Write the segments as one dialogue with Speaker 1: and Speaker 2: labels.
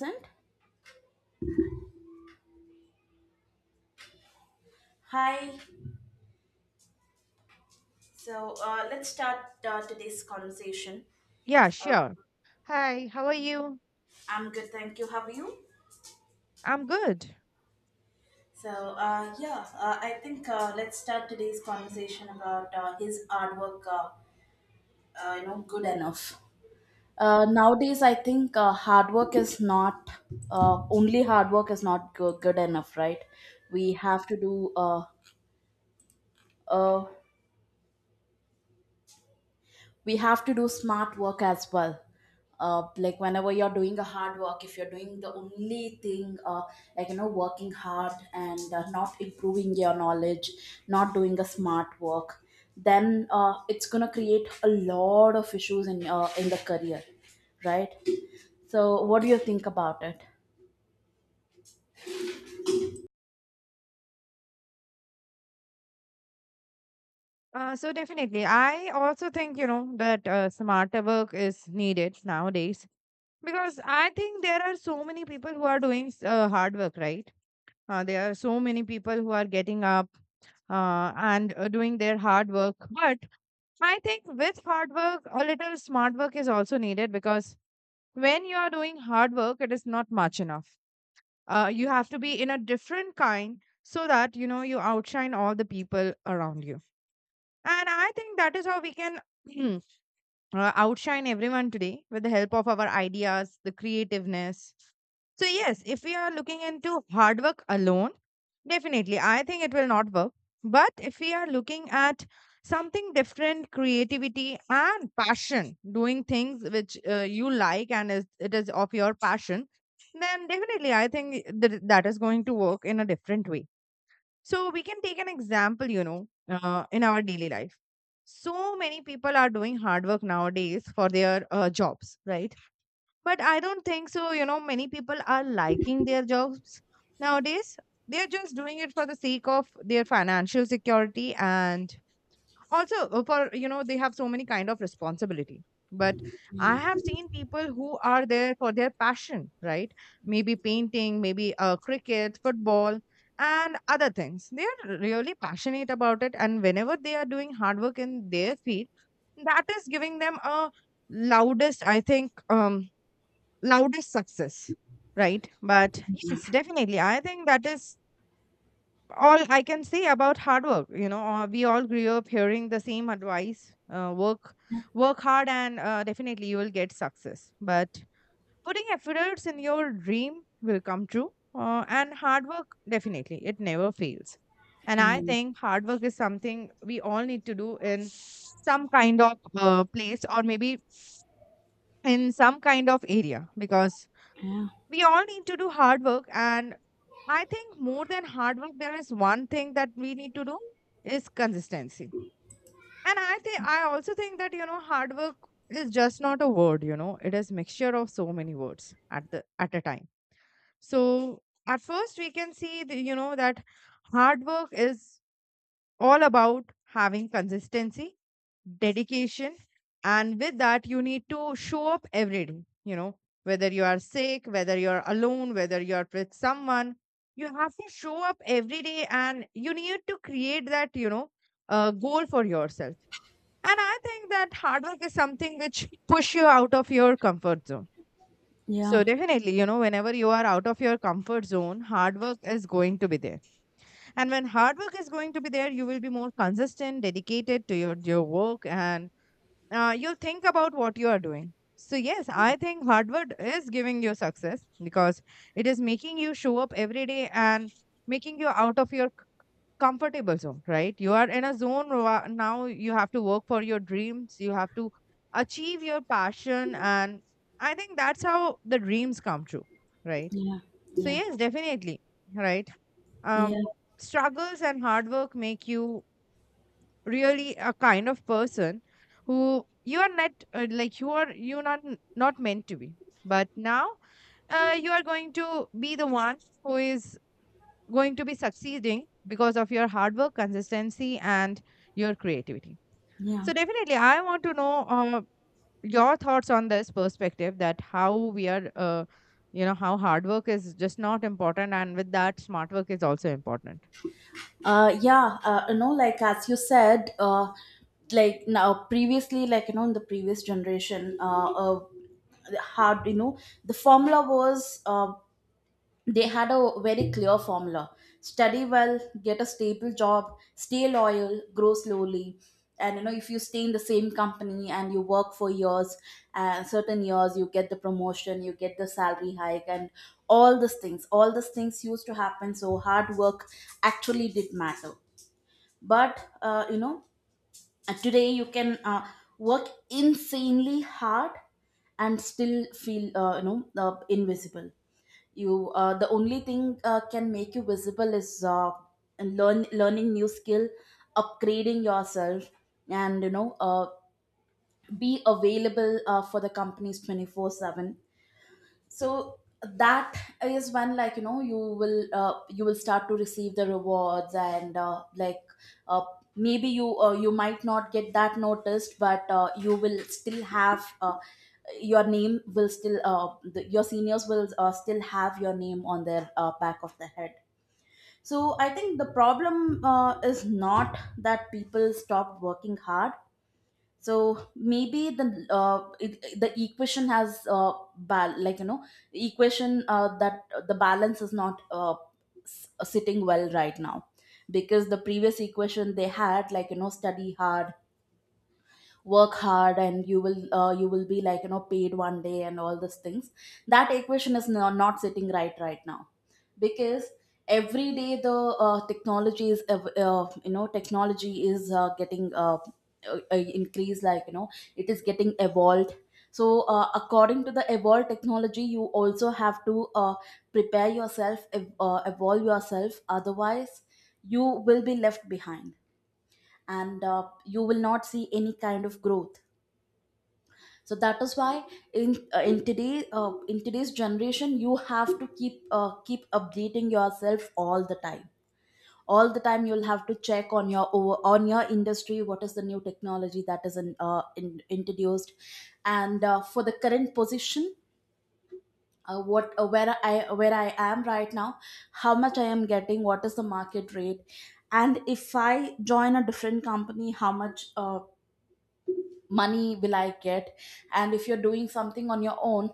Speaker 1: Present. Hi. So let's start today's conversation.
Speaker 2: Yeah,
Speaker 1: Uh,
Speaker 2: sure. Hi, how are you?
Speaker 1: I'm good, thank you. How are you?
Speaker 2: I'm good.
Speaker 1: Yeah, I think let's start today's conversation about his hard work. You know, good enough. Nowadays, I think hard work is not, only hard work is not good enough, right? We have to do uh, uh, we have to do smart work as well, like whenever you're doing a hard work, if you're doing the only thing, like you know, working hard, and not improving your knowledge, not doing a smart work, then it's going to create a lot of issues in the career, right? So what do you think about it?
Speaker 2: So definitely, I also think you know that smarter work is needed nowadays because I think there are so many people who are doing hard work, right? There are so many people who are getting up and doing their hard work. But I think with hard work, a little smart work is also needed because when you are doing hard work, it is not much enough, you have to be in a different kind so that you know you outshine all the people around you, and I think that is how we can outshine everyone today with the help of our ideas, the creativeness. So, yes, if we are looking into hard work alone, definitely, I think it will not work. But if we are looking at something different, creativity and passion, doing things which you like and it is of your passion, then definitely I think that is going to work in a different way. So, we can take an example, you know, in our daily life. So many people are doing hard work nowadays for their jobs, right? But I don't think so, you know, many people are liking their jobs nowadays. They're just doing it for the sake of their financial security, and also for, you know, they have so many kind of responsibility. But I
Speaker 1: Yeah.
Speaker 2: have seen people who are there for their passion, right? Maybe painting, maybe cricket, football, and other things they are really passionate about it, and whenever they are doing hard work in their field, that is giving them a loudest, I think, loudest success, right? But yes, definitely. I think that is all I can say about hard work. You know, we all grew up hearing the same advice: work hard, and definitely you will get success. But putting efforts in your dream will come true, and hard work, definitely, it never fails. And I
Speaker 1: Yeah.
Speaker 2: think hard work is something we all need to do in some kind of place, or maybe in some kind of area, because
Speaker 1: Yeah.
Speaker 2: we all need to do hard work. And I think more than hard work there is one thing that we need to do, is consistency. And I think, I also think that, you know, hard work is just not a word, you know, it is mixture of so many words at the at a time. So at first we can see the, you know, that hard work is all about having consistency, dedication, and with that, you need to show up every day. You know, whether you are sick, whether you're alone, whether you're with someone, you have to show up every day and you need to create that, you know, goal for yourself. And I think that hard work is something which push you out of your comfort zone.
Speaker 1: Yeah.
Speaker 2: So definitely, you know, whenever you are out of your comfort zone, hard work is going to be there, and when hard work is going to be there, you will be more consistent, dedicated to your work, and you'll think about what you are doing. So, yes, I think hard work is giving you success because it is making you show up every day and making you out of your comfortable zone, right? You are in a zone where now you have to work for your dreams, you have to achieve your passion. And I think that's how the dreams come true, right?
Speaker 1: Yeah.
Speaker 2: So,
Speaker 1: Yeah.
Speaker 2: yes, definitely, right? um,
Speaker 1: Yeah.
Speaker 2: Struggles and hard work make you really a kind of person who you are not, like you are, you not meant to be, but now you are going to be the one who is going to be succeeding because of your hard work, consistency, and your creativity.
Speaker 1: Yeah.
Speaker 2: So definitely I want to know your thoughts on this perspective, that how we are you know, how hard work is just not important, and with that, smart work is also important.
Speaker 1: Yeah, you know, like as you said, like now previously, like you know, in the previous generation, hard, you know, the formula was, they had a very clear formula: study well, get a stable job, stay loyal, grow slowly. And you know, if you stay in the same company and you work for years, certain years, you get the promotion, you get the salary hike, and all these things used to happen. So hard work actually did matter, but, you know, today you can, work insanely hard and still feel, you know, invisible. You the only thing, can make you visible is, learning new skill, upgrading yourself, and you know, be available, for the companies 24/7, so that is when, like you know, you will start to receive the rewards, and like, uh, maybe you might not get that noticed, but your name will still, your seniors will still have your name on their, back of the head. So I think the problem, is not that people stopped working hard. So maybe the equation has, like you know, the equation that the balance is not, sitting well right now. Because the previous equation they had, like you know, study hard, work hard, and you will, be like you know, paid one day, and all these things. That equation is not sitting right right now. Because every day, the you know, technology is, getting, increased, like you know, it is getting evolved. So, according to the evolved technology, you also have to evolve yourself, otherwise you will be left behind, and you will not see any kind of growth. So that is why, in today's generation, you have to keep updating yourself all the time. All the time you'll have to check on on your industry, what is the new technology that is introduced, and for the current position, what, where I am right now, how much I am getting, what is the market rate, and if I join a different company, how much money will I get. And if you're doing something on your own,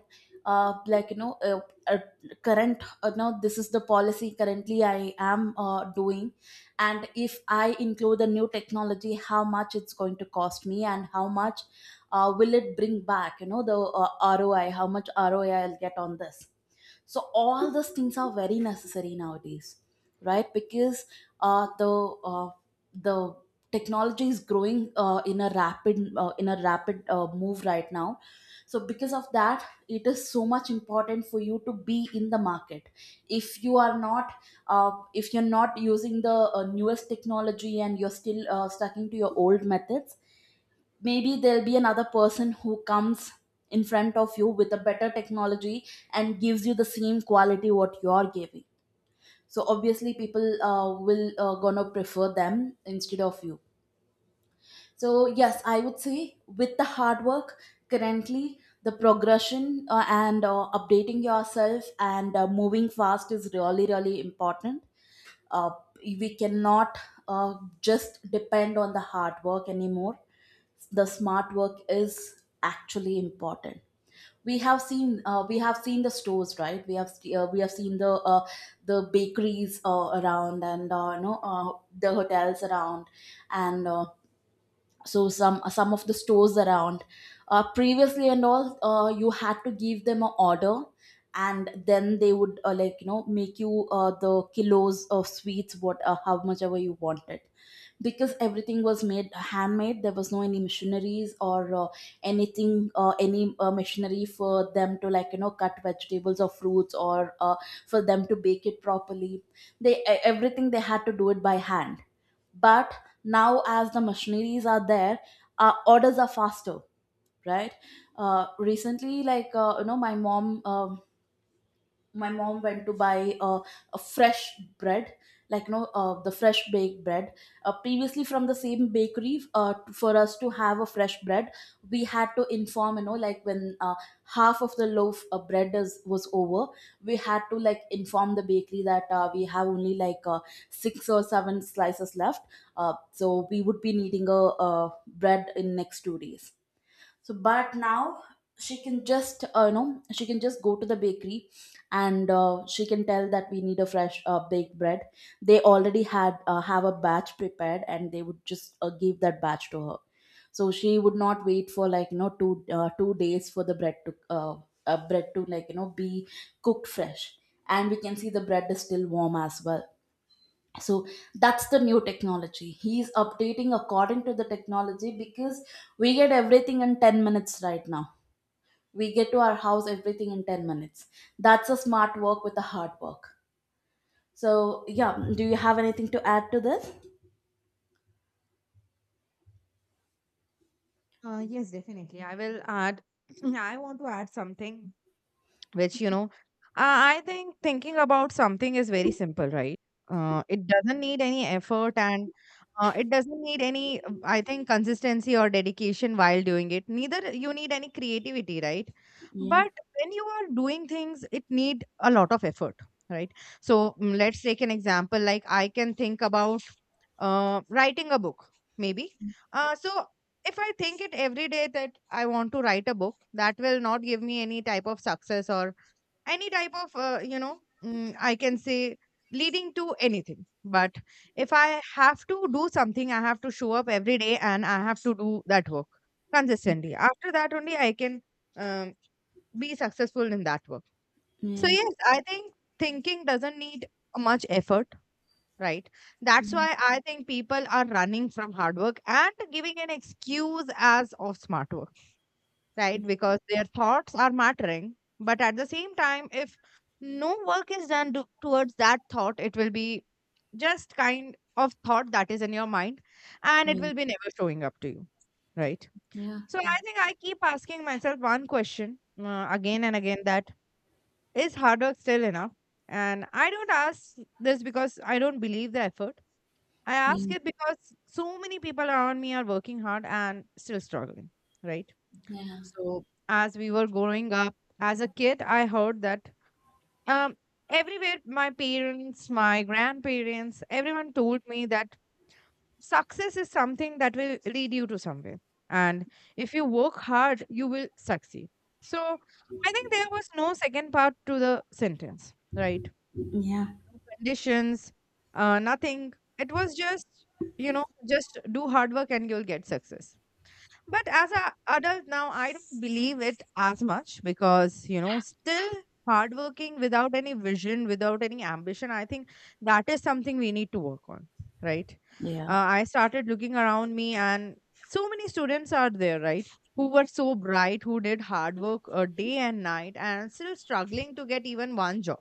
Speaker 1: like you know, uh, current now this is the policy currently I am doing, and if I include the new technology, how much it's going to cost me, and how much will it bring back, you know, the, ROI, how much ROI I'll get on this. So all those things are very necessary nowadays, right? Because, uh, the uh, the technology is growing, in a rapid move right now. So because of that, it is so much important for you to be in the market. If you are not uh, if you're not using the newest technology and you're still stuck into your old methods, maybe there'll be another person who comes in front of you with a better technology and gives you the same quality what you're giving. So obviously people, will, gonna prefer them instead of you. So yes, I would say, with the hard work, currently the progression, and updating yourself, and moving fast is really really important. uh, we cannot uh, just depend on the hard work anymore. The smart work is actually important. We have seen uh, we have seen the stores, right? We have uh, we have seen the, the bakeries around, and you know, the hotels around, and so some of the stores around, previously and all, you had to give them an order, and then they would like you know, make you the kilos of sweets, what how much ever you wanted, because everything was made handmade. There was no any missionaries or anything, any machinery for them to, like you know, cut vegetables or fruits, or for them to bake it properly. Everything they had to do it by hand. But now, as the machineries are there, our orders are faster, right? Recently, like you know, my mom went to buy, a fresh bread, like you know, the fresh baked bread. Previously, from the same bakery, for us to have a fresh bread, we had to inform, you know, like when half of the loaf of bread was over. We had to like inform the bakery that, we have only like, six or seven slices left. So we would be needing a, bread in next 2 days. So but now, she can just, you know, she can just go to the bakery, and she can tell that we need a fresh baked bread. They already had have a batch prepared, and they would just give that batch to her. So she would not wait for, like you know, 2 days for the bread to bread to, like you know, be cooked fresh. And we can see the bread is still warm as well. So that's the new technology. He's updating according to the technology because we get everything in 10 minutes right now. We get to our house everything in 10 minutes. That's a smart work with a hard work. So yeah, do you have anything to add to this?
Speaker 2: Yes, definitely, I will add I want to add something which, you know, i I think thinking about something is very simple, right? It doesn't need any effort, and it doesn't need any, I think, consistency or dedication while doing it, neither you need any creativity, right?
Speaker 1: Yeah.
Speaker 2: But when you are doing things, it need a lot of effort, right? So, let's take an example. Like, I can think about writing a book, maybe. So if I think it every day that I want to write a book, that will not give me any type of success or any type of, you know, I can say, leading to anything. But if I have to do something, I have to show up every day, and I have to do that work consistently. After that only I can um, be successful in that work. So
Speaker 1: Yeah.
Speaker 2: yes, I think thinking doesn't need much effort, right? That's
Speaker 1: Yeah.
Speaker 2: why I think people are running from hard work and giving an excuse as of smart work, right? Because their thoughts are mattering. But at the same time, if no work is done towards that thought, it will be just kind of thought that is in your mind, and it
Speaker 1: Yeah.
Speaker 2: will be never showing up to you, right?
Speaker 1: Yeah.
Speaker 2: So
Speaker 1: Yeah.
Speaker 2: I think I keep asking myself one question, again and again, that is hard work still enough? And I don't ask this because I don't believe the effort. I ask
Speaker 1: Yeah.
Speaker 2: it because so many people around me are working hard and still struggling, right?
Speaker 1: Yeah.
Speaker 2: So as we were growing up as a kid, I heard that, um, everywhere, my parents, my grandparents, everyone told me that success is something that will lead you to somewhere. And if you work hard, you will succeed. So I think there was no second part to the sentence, right?
Speaker 1: Yeah.
Speaker 2: No conditions, nothing. It was just, you know, just do hard work and you'll get success. But as an adult now, I don't believe it as much because, you know, still hardworking without any vision, without any ambition, I think that is something we need to work on, right? Uh,
Speaker 1: Yeah.
Speaker 2: I started looking around me, and so many students are there, right? Who were so bright, who did hard work day and night, and still struggling to get even one job.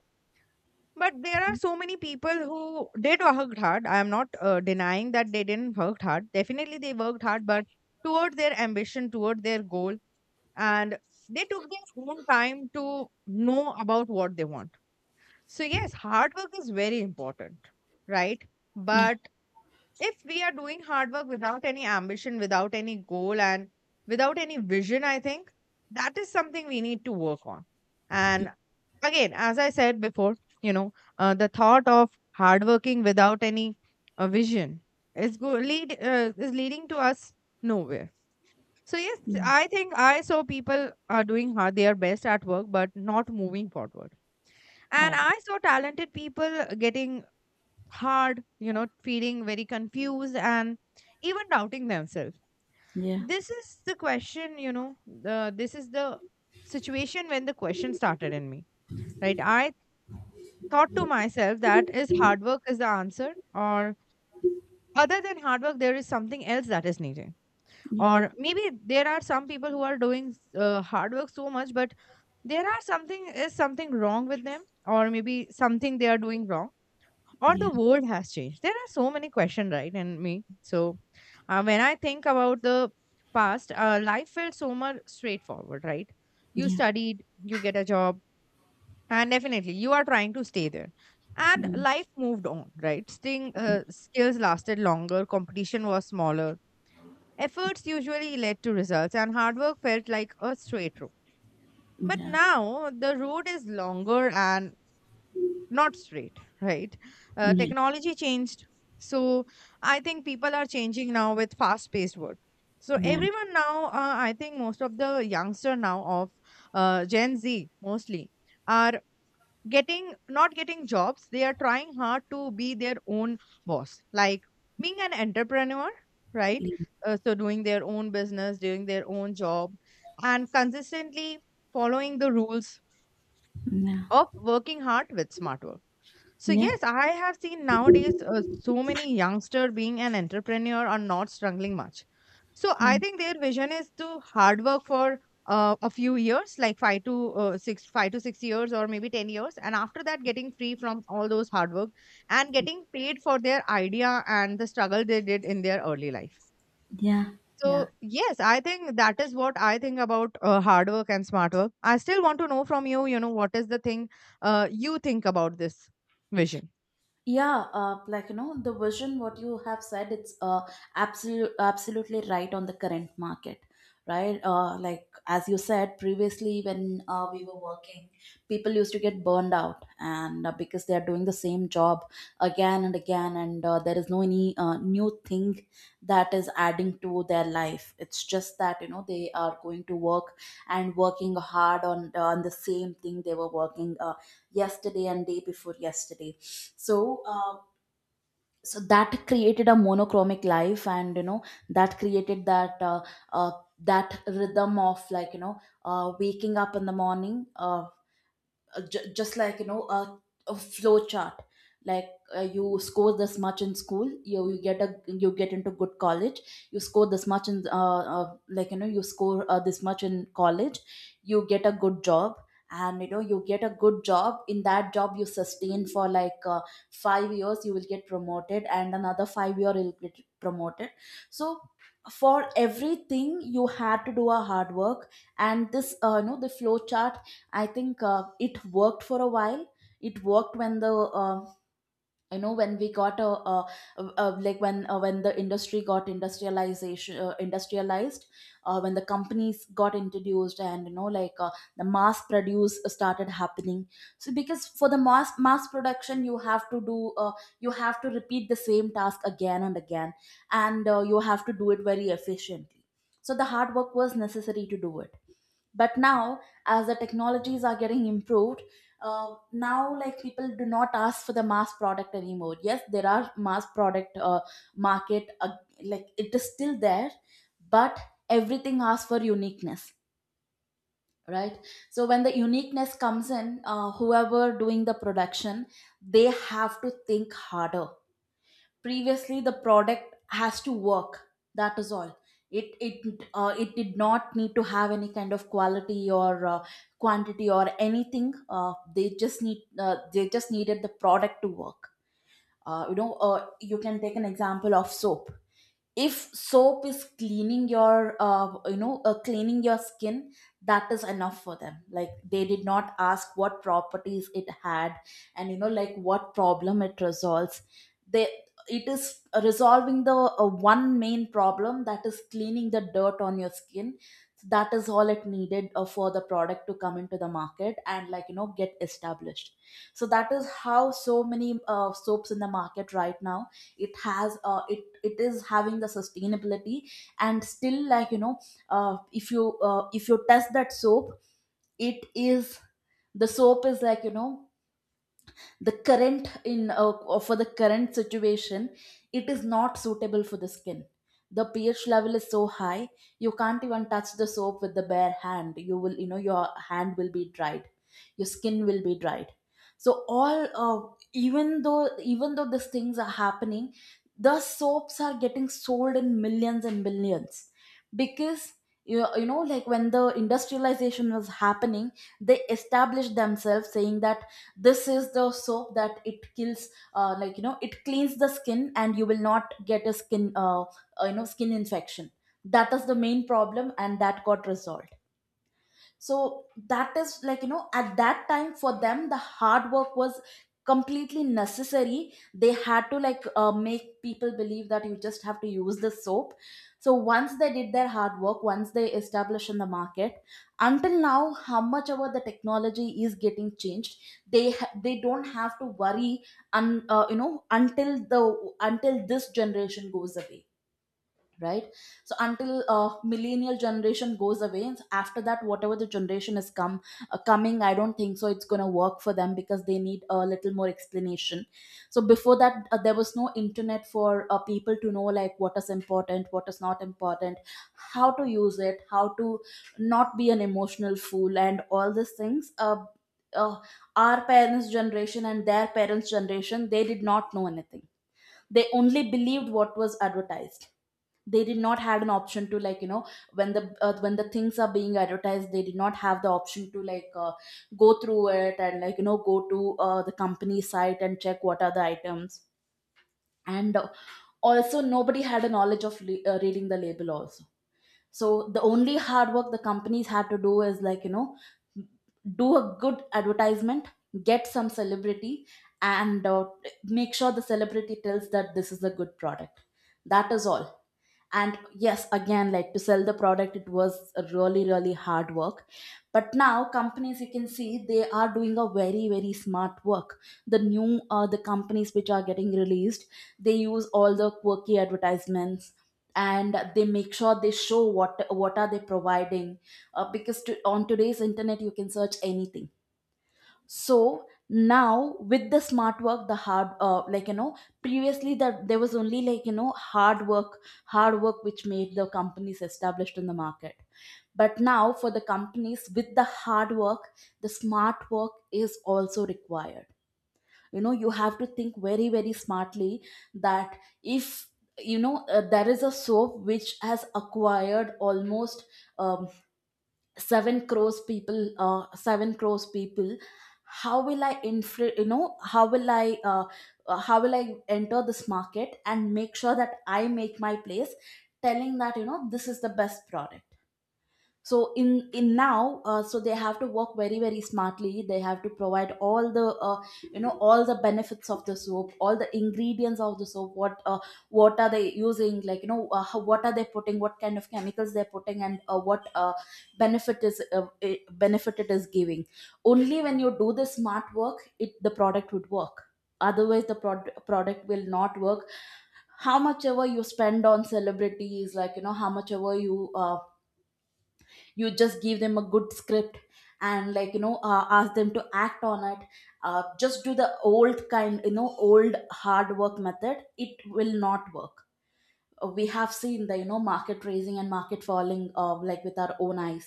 Speaker 2: But there are so many people who did work hard. I am not denying that they didn't work hard. Definitely they worked hard, but toward their ambition, toward their goal, and they took their own time to know about what they want. So yes, hard work is very important, right?
Speaker 1: Yeah.
Speaker 2: But if we are doing hard work without any ambition, without any goal, and without any vision, I think that is something we need to work on. And again, as I said before, you know, the thought of hard working without any vision is go- lead is leading to us nowhere. So yes,
Speaker 1: Yeah.
Speaker 2: I think I saw people are doing hard, they are best at work, but not moving forward.
Speaker 1: I
Speaker 2: And
Speaker 1: agree.
Speaker 2: I saw talented people getting hard, you know, feeling very confused and even doubting themselves.
Speaker 1: Yeah.
Speaker 2: This is the question, you know, the, this is the situation when the question started in me, right? I thought to myself that is hard work is the answer, or other than hard work, there is something else that is needed.
Speaker 1: Yeah.
Speaker 2: Or maybe there are some people who are doing hard work so much, but there are something, is something wrong with them, or maybe something they are doing wrong, or
Speaker 1: Yeah.
Speaker 2: the world has changed. There are so many questions, right, in me. So when I think about the past, life felt so much straightforward, right? You
Speaker 1: Yeah.
Speaker 2: studied, you get a job, and definitely you are trying to stay there, and
Speaker 1: Yeah.
Speaker 2: life moved on, right? Sting, skills lasted longer, competition was smaller, efforts usually led to results, and hard work felt like a straight road. But
Speaker 1: Yeah.
Speaker 2: now the road is longer and not straight, right?
Speaker 1: Yeah.
Speaker 2: Technology changed. So I think people are changing now with fast paced work. So everyone now, I think most of the youngster now of Gen Z, mostly, are getting not getting jobs. They are trying hard to be their own boss, like being an entrepreneur, right?
Speaker 1: Yeah.
Speaker 2: So doing their own business, doing their own job, and consistently following the rules
Speaker 1: Yeah.
Speaker 2: of working hard with smart work. So
Speaker 1: Yeah.
Speaker 2: yes, I have seen nowadays so many youngster being an entrepreneur are not struggling much. So
Speaker 1: Yeah.
Speaker 2: I think their vision is to hard work for a few years, like 5 to 6 years, or maybe 10 years, and after that, getting free from all those hard work and getting paid for their idea and the struggle they did in their early life.
Speaker 1: Yeah. Yeah.
Speaker 2: So yes, I think that is what I think about hard work and smart work. I still want to know from you, what is the thing you think about this vision?
Speaker 1: Yeah, like you know, the vision what you have said, it's absolutely right on the current market, right? Like as you said previously, when we were working, people used to get burned out, and because they are doing the same job again and again, and there is no any new thing that is adding to their life. It's just that, you know, they are going to work and working hard on the same thing they were working yesterday and day before yesterday. So so that created a monochromic life, and you know, that created uh, that rhythm of, like you know, waking up in the morning, just like you know, a flow chart, like, you score this much in school, you get a you get into good college, you score this much in, like you know, you score, this much in college, you get a good job. And you know, you get a good job. In that job you sustain for like, 5 years you will get promoted, and another 5-year you'll get promoted. So for everything, you had to do a hard work. And this, you know, the flow chart, I think, it worked for a while. It worked when the you know, when we got a, like, when the industry got industrialization industrialized, when the companies got introduced, and you know, like, the mass produce started happening. So because for the mass production, you have to repeat the same task again and again, and you have to do it very efficiently. So the hard work was necessary to do it, but now, as the technologies are getting improved, now, like, people do not ask for the mass product anymore. Yes, there are mass product market, like, it is still there, but everything asks for uniqueness, right? So when the uniqueness comes in, whoever doing the production, they have to think harder. Previously the product has to work, that is all. It it uh, it did not need to have any kind of quality or quantity or anything. They just needed the product to work. You can take an example of soap. If soap is cleaning your skin that is enough for them. Like, they did not ask what properties it had and, you know, like, what problem it resolves. They It is resolving the one main problem, that is cleaning the dirt on your skin. So that is all it needed for the product to come into the market and, like, you know, get established. So that is how so many soaps in the market right now. It has uh, it it is having the sustainability, and still, like, you know, if you test that soap, it is the soap is, like, you know, the current in for the current situation it is not suitable for the skin. The pH level is so high, you can't even touch the soap with the bare hand. Your hand will be dried, your skin will be dried. So all uh, even though even though these things are happening, the soaps are getting sold in millions and billions, because like, when the industrialization was happening, they established themselves saying that this is the soap that it kills like you know it cleans the skin, and you will not get a skin skin infection. That is the main problem and that got resolved. So that is, like, you know, at that time for them the hard work was completely necessary. They had to, like, make people believe that you just have to use the soap. So once they did their hard work, once they established in the market, until now how much ever the technology is getting changed, they don't have to worry, until this generation goes away, right? So until millennial generation goes away, and after that whatever the generation is come coming, I don't think so it's going to work for them because they need a little more explanation. So before that, there was no internet for people to know, like, what is important, what is not important, how to use it, how to not be an emotional fool, and all these things. Uh, our parents' generation and their parents' generation, they did not know anything. They only believed what was advertised. They did not had an option to, like, you know, when the things are being advertised, they did not have the option to, like, go through it and, like, you know, go to the company site and check what are the items. And also nobody had a knowledge of reading the label also. So the only hard work the companies had to do is, like, you know, do a good advertisement, get some celebrity, and make sure the celebrity tells that this is a good product. That is all. And yes, again, like, to sell the product it was a really, really hard work, but now companies, you can see, they are doing a very, very smart work. The companies which are getting released, they use all the quirky advertisements, and they make sure they show what are they providing, because on today's internet you can search anything. So now with the smart work, the hard like, you know, previously that there was only, like, you know, hard work which made the companies established in the market. But now for the companies, with the hard work the smart work is also required. You know, you have to think very, very smartly. That if there is a soap which has acquired almost, um, 7 crores people, how will I infra you know how will I how will I enter this market and make sure that I make my place telling that, you know, this is the best product. So in now so they have to work very, very smartly. They have to provide all the benefits of the soap, all the ingredients of the soap, what are they using, like, you know, what are they putting, what kind of chemicals they're putting, and what benefit it is giving. Only when you do the smart work it the product would work, otherwise the product will not work. How much ever you spend on celebrities, like, you know, how much ever you just give them a good script and, like, you know, ask them to act on it. Just do the old, kind you know, old hard work method, it will not work. We have seen the, you know, market raising and market falling like with our own eyes.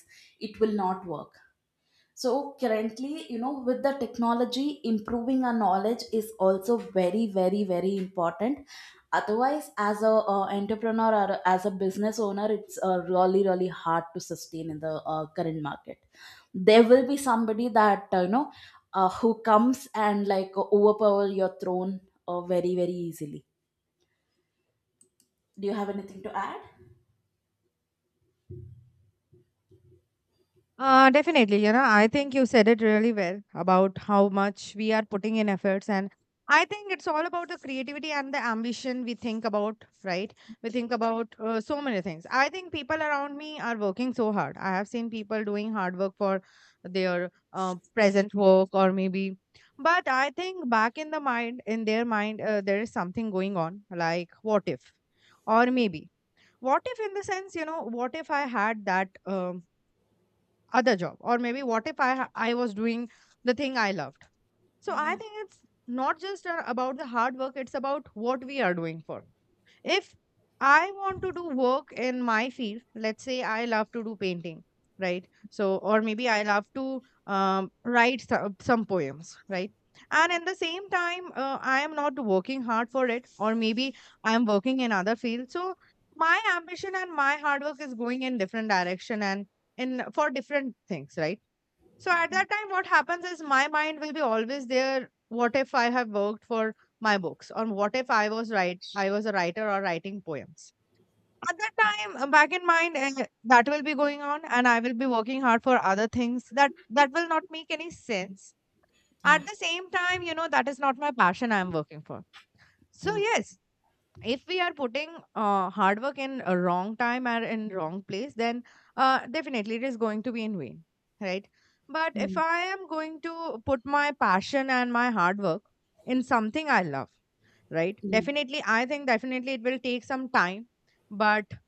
Speaker 1: It will not work. So currently, you know, with the technology improving, our knowledge is also very, very, very important. Otherwise, as a entrepreneur or as a business owner, it's really, really hard to sustain in the current market. There will be somebody that who comes and, like, overpower your throne very, very easily. Do you have anything to add?
Speaker 2: Definitely. I think you said it really well about how much we are putting in efforts. And I think it's all about the creativity and the ambition we think about, right? We think about so many things. I think people around me are working so hard. I have seen people doing hard work for their present work or maybe, but I think back in their mind, there is something going on like what if, or maybe. What if, in the sense, what if I had that? Other job, or maybe what if I was doing the thing I loved. So I
Speaker 1: Yeah,
Speaker 2: think it's not just about the hard work, it's about what we are doing for. If I want to do work in my field, let's say I love to do painting, right? So, or maybe I love to write some poems, right? And at the same time, I am not working hard for it, or maybe I am working in other field. So, my ambition and my hard work is going in different direction and in for different things, right? So at that time, what happens is my mind will be always there. What if I have worked for my books, or what if I was right, I was a writer or writing poems. At that time, back in mind, that will be going on, and I will be working hard for other things that will not make any sense.
Speaker 1: yeah,
Speaker 2: At the same time, you know that is not my passion I am working for. So
Speaker 1: yeah.
Speaker 2: yes, if we are putting hard work in a wrong time or in wrong place, then definitely it is going to be in vain, right? But if
Speaker 1: Mm.
Speaker 2: I am going to put my passion and my hard work in something I love, right?
Speaker 1: Yeah,
Speaker 2: Definitely I think definitely it will take some time, but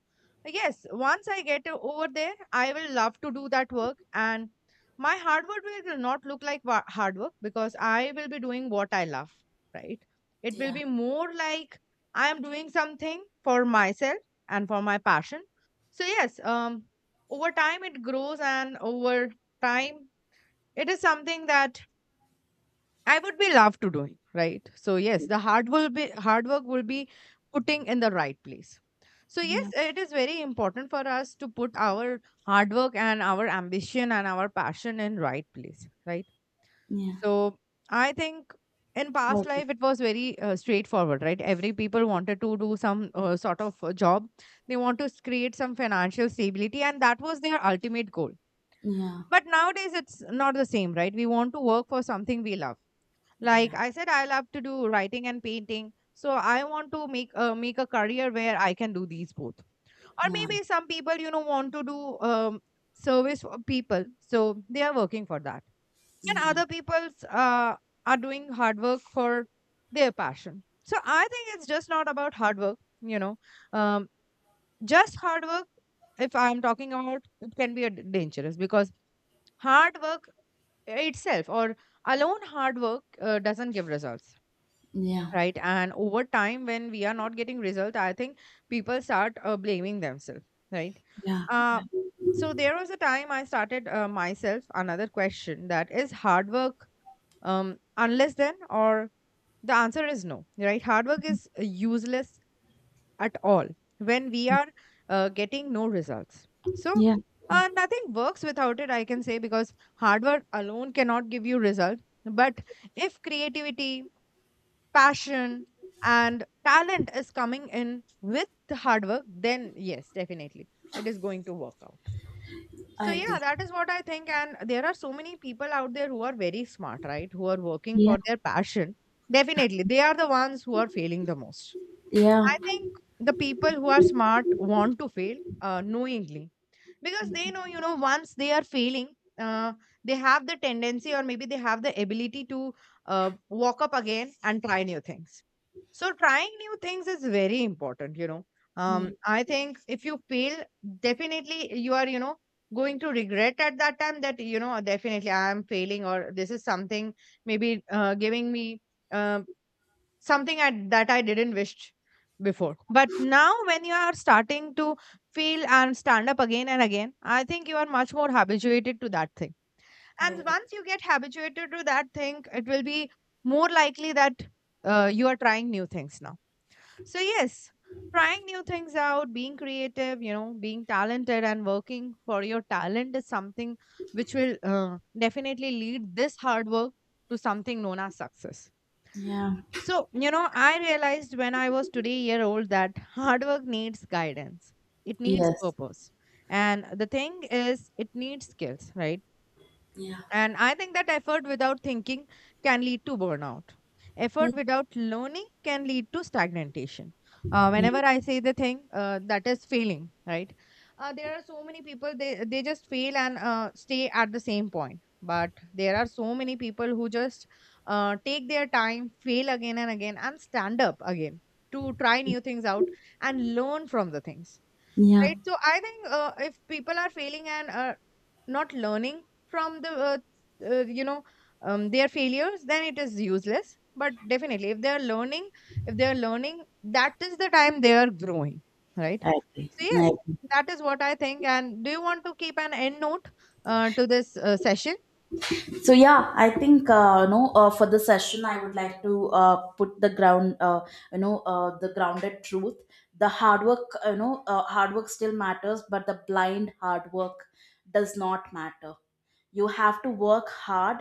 Speaker 2: yes, once I get over there, I will love to do that work. And my hard work will not look like hard work because I will be doing what I love, right? It will
Speaker 1: yeah,
Speaker 2: be more like I am doing something for myself and for my passion. So, yes, over time it grows, and over time, it is something that I would be love to doing, right? So yes, the hard will be hard work will be putting in the right place. So yes,
Speaker 1: yeah,
Speaker 2: it is very important for us to put our hard work and our ambition and our passion in right place, right?
Speaker 1: yeah.
Speaker 2: So I think in past
Speaker 1: Okay.
Speaker 2: life it was very straightforward, right? Every people wanted to do some sort of job. They want to create some financial stability and that was their ultimate goal.
Speaker 1: Yeah,
Speaker 2: But nowadays it's not the same, right? We want to work for something we love.
Speaker 1: yeah,
Speaker 2: Like I said, I love to do writing and painting. So I want to make a career where I can do these both. Or
Speaker 1: yeah,
Speaker 2: maybe some people, want to do service for people, so they are working for that. And
Speaker 1: yeah,
Speaker 2: other people's are doing hard work for their passion. So I think it's just not about hard work. Um, just hard work. If I'm talking about, it can be a dangerous because hard work itself or alone hard work doesn't give results,
Speaker 1: yeah,
Speaker 2: right? And over time when we are not getting result I think people start blaming themselves, right?
Speaker 1: yeah.
Speaker 2: uh,
Speaker 1: Good.
Speaker 2: so there was a time I started myself another question, that is hard work unless then, or the answer is no, right? Hard work is useless at all when we are getting no results. So
Speaker 1: Yeah.
Speaker 2: nothing works without it, I can say, because hard work alone cannot give you result. But if creativity, passion, and talent is coming in with the hard work, then yes, definitely it is going to work out. So,
Speaker 1: I
Speaker 2: yeah,
Speaker 1: agree.
Speaker 2: that is what I think. And there are so many people out there who are very smart, right? Who are working
Speaker 1: Yeah,
Speaker 2: for their passion. Definitely, they are the ones who are failing the most.
Speaker 1: yeah,
Speaker 2: I think the people who are smart want to fail knowingly because they know, once they are failing, uh, they have the tendency, or maybe they have the ability to walk up again and try new things. So trying new things is very important.
Speaker 1: yeah.
Speaker 2: I think if you fail, definitely you are going to regret at that time, that definitely I am failing, or this is something maybe giving me, um, something that I didn't wish before. But now, when you are starting to feel and stand up again and again, I think you are much more habituated to that thing.
Speaker 1: I
Speaker 2: And
Speaker 1: agree.
Speaker 2: once you get habituated to that thing, it will be more likely that you are trying new things now. So, yes, trying new things out, being creative, being talented and working for your talent is something which will definitely lead this hard work to something known as success.
Speaker 1: Yeah.
Speaker 2: So, I realized when I was today year old that hard work needs guidance. It needs
Speaker 1: Yes.
Speaker 2: purpose. And the thing is, it needs skills, right?
Speaker 1: Yeah.
Speaker 2: And I think that effort without thinking can lead to burnout.
Speaker 1: Yeah.
Speaker 2: Effort without learning can lead to stagnation.
Speaker 1: Yeah.
Speaker 2: Whenever I say the thing that is failing, right? There are so many people, they just fail and stay at the same point. But there are so many people who just take their time, fail again and again, and stand up again to try new things out and learn from the things.
Speaker 1: Yeah.
Speaker 2: Right. So I think if people are failing and not learning from the uh, you know their failures, then it is useless. But definitely if they are learning, that is the time they are growing, right?
Speaker 1: I agree.
Speaker 2: So
Speaker 1: I
Speaker 2: yes,
Speaker 1: agree.
Speaker 2: that is what I think. And do you want to keep an end note to this session?
Speaker 1: So, yeah, I think, no, for the session I would like to put the grounded truth. The hard work you know Hard work still matters, but the blind hard work does not matter. You have to work hard,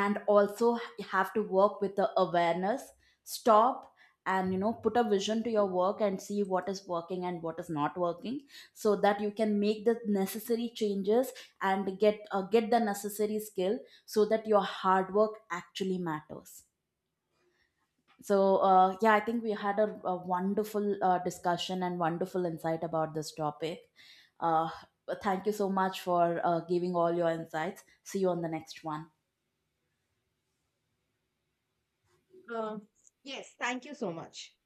Speaker 1: and also you have to work with the awareness stop, and, you know, put a vision to your work and see what is working and what is not working, so that you can make the necessary changes and get the necessary skill so that your hard work actually matters. So, yeah, I think we had a wonderful discussion and wonderful insight about this topic. Uh, Thank you so much for giving all your insights. See you on the next one.
Speaker 2: Uh, yes, thank you so much.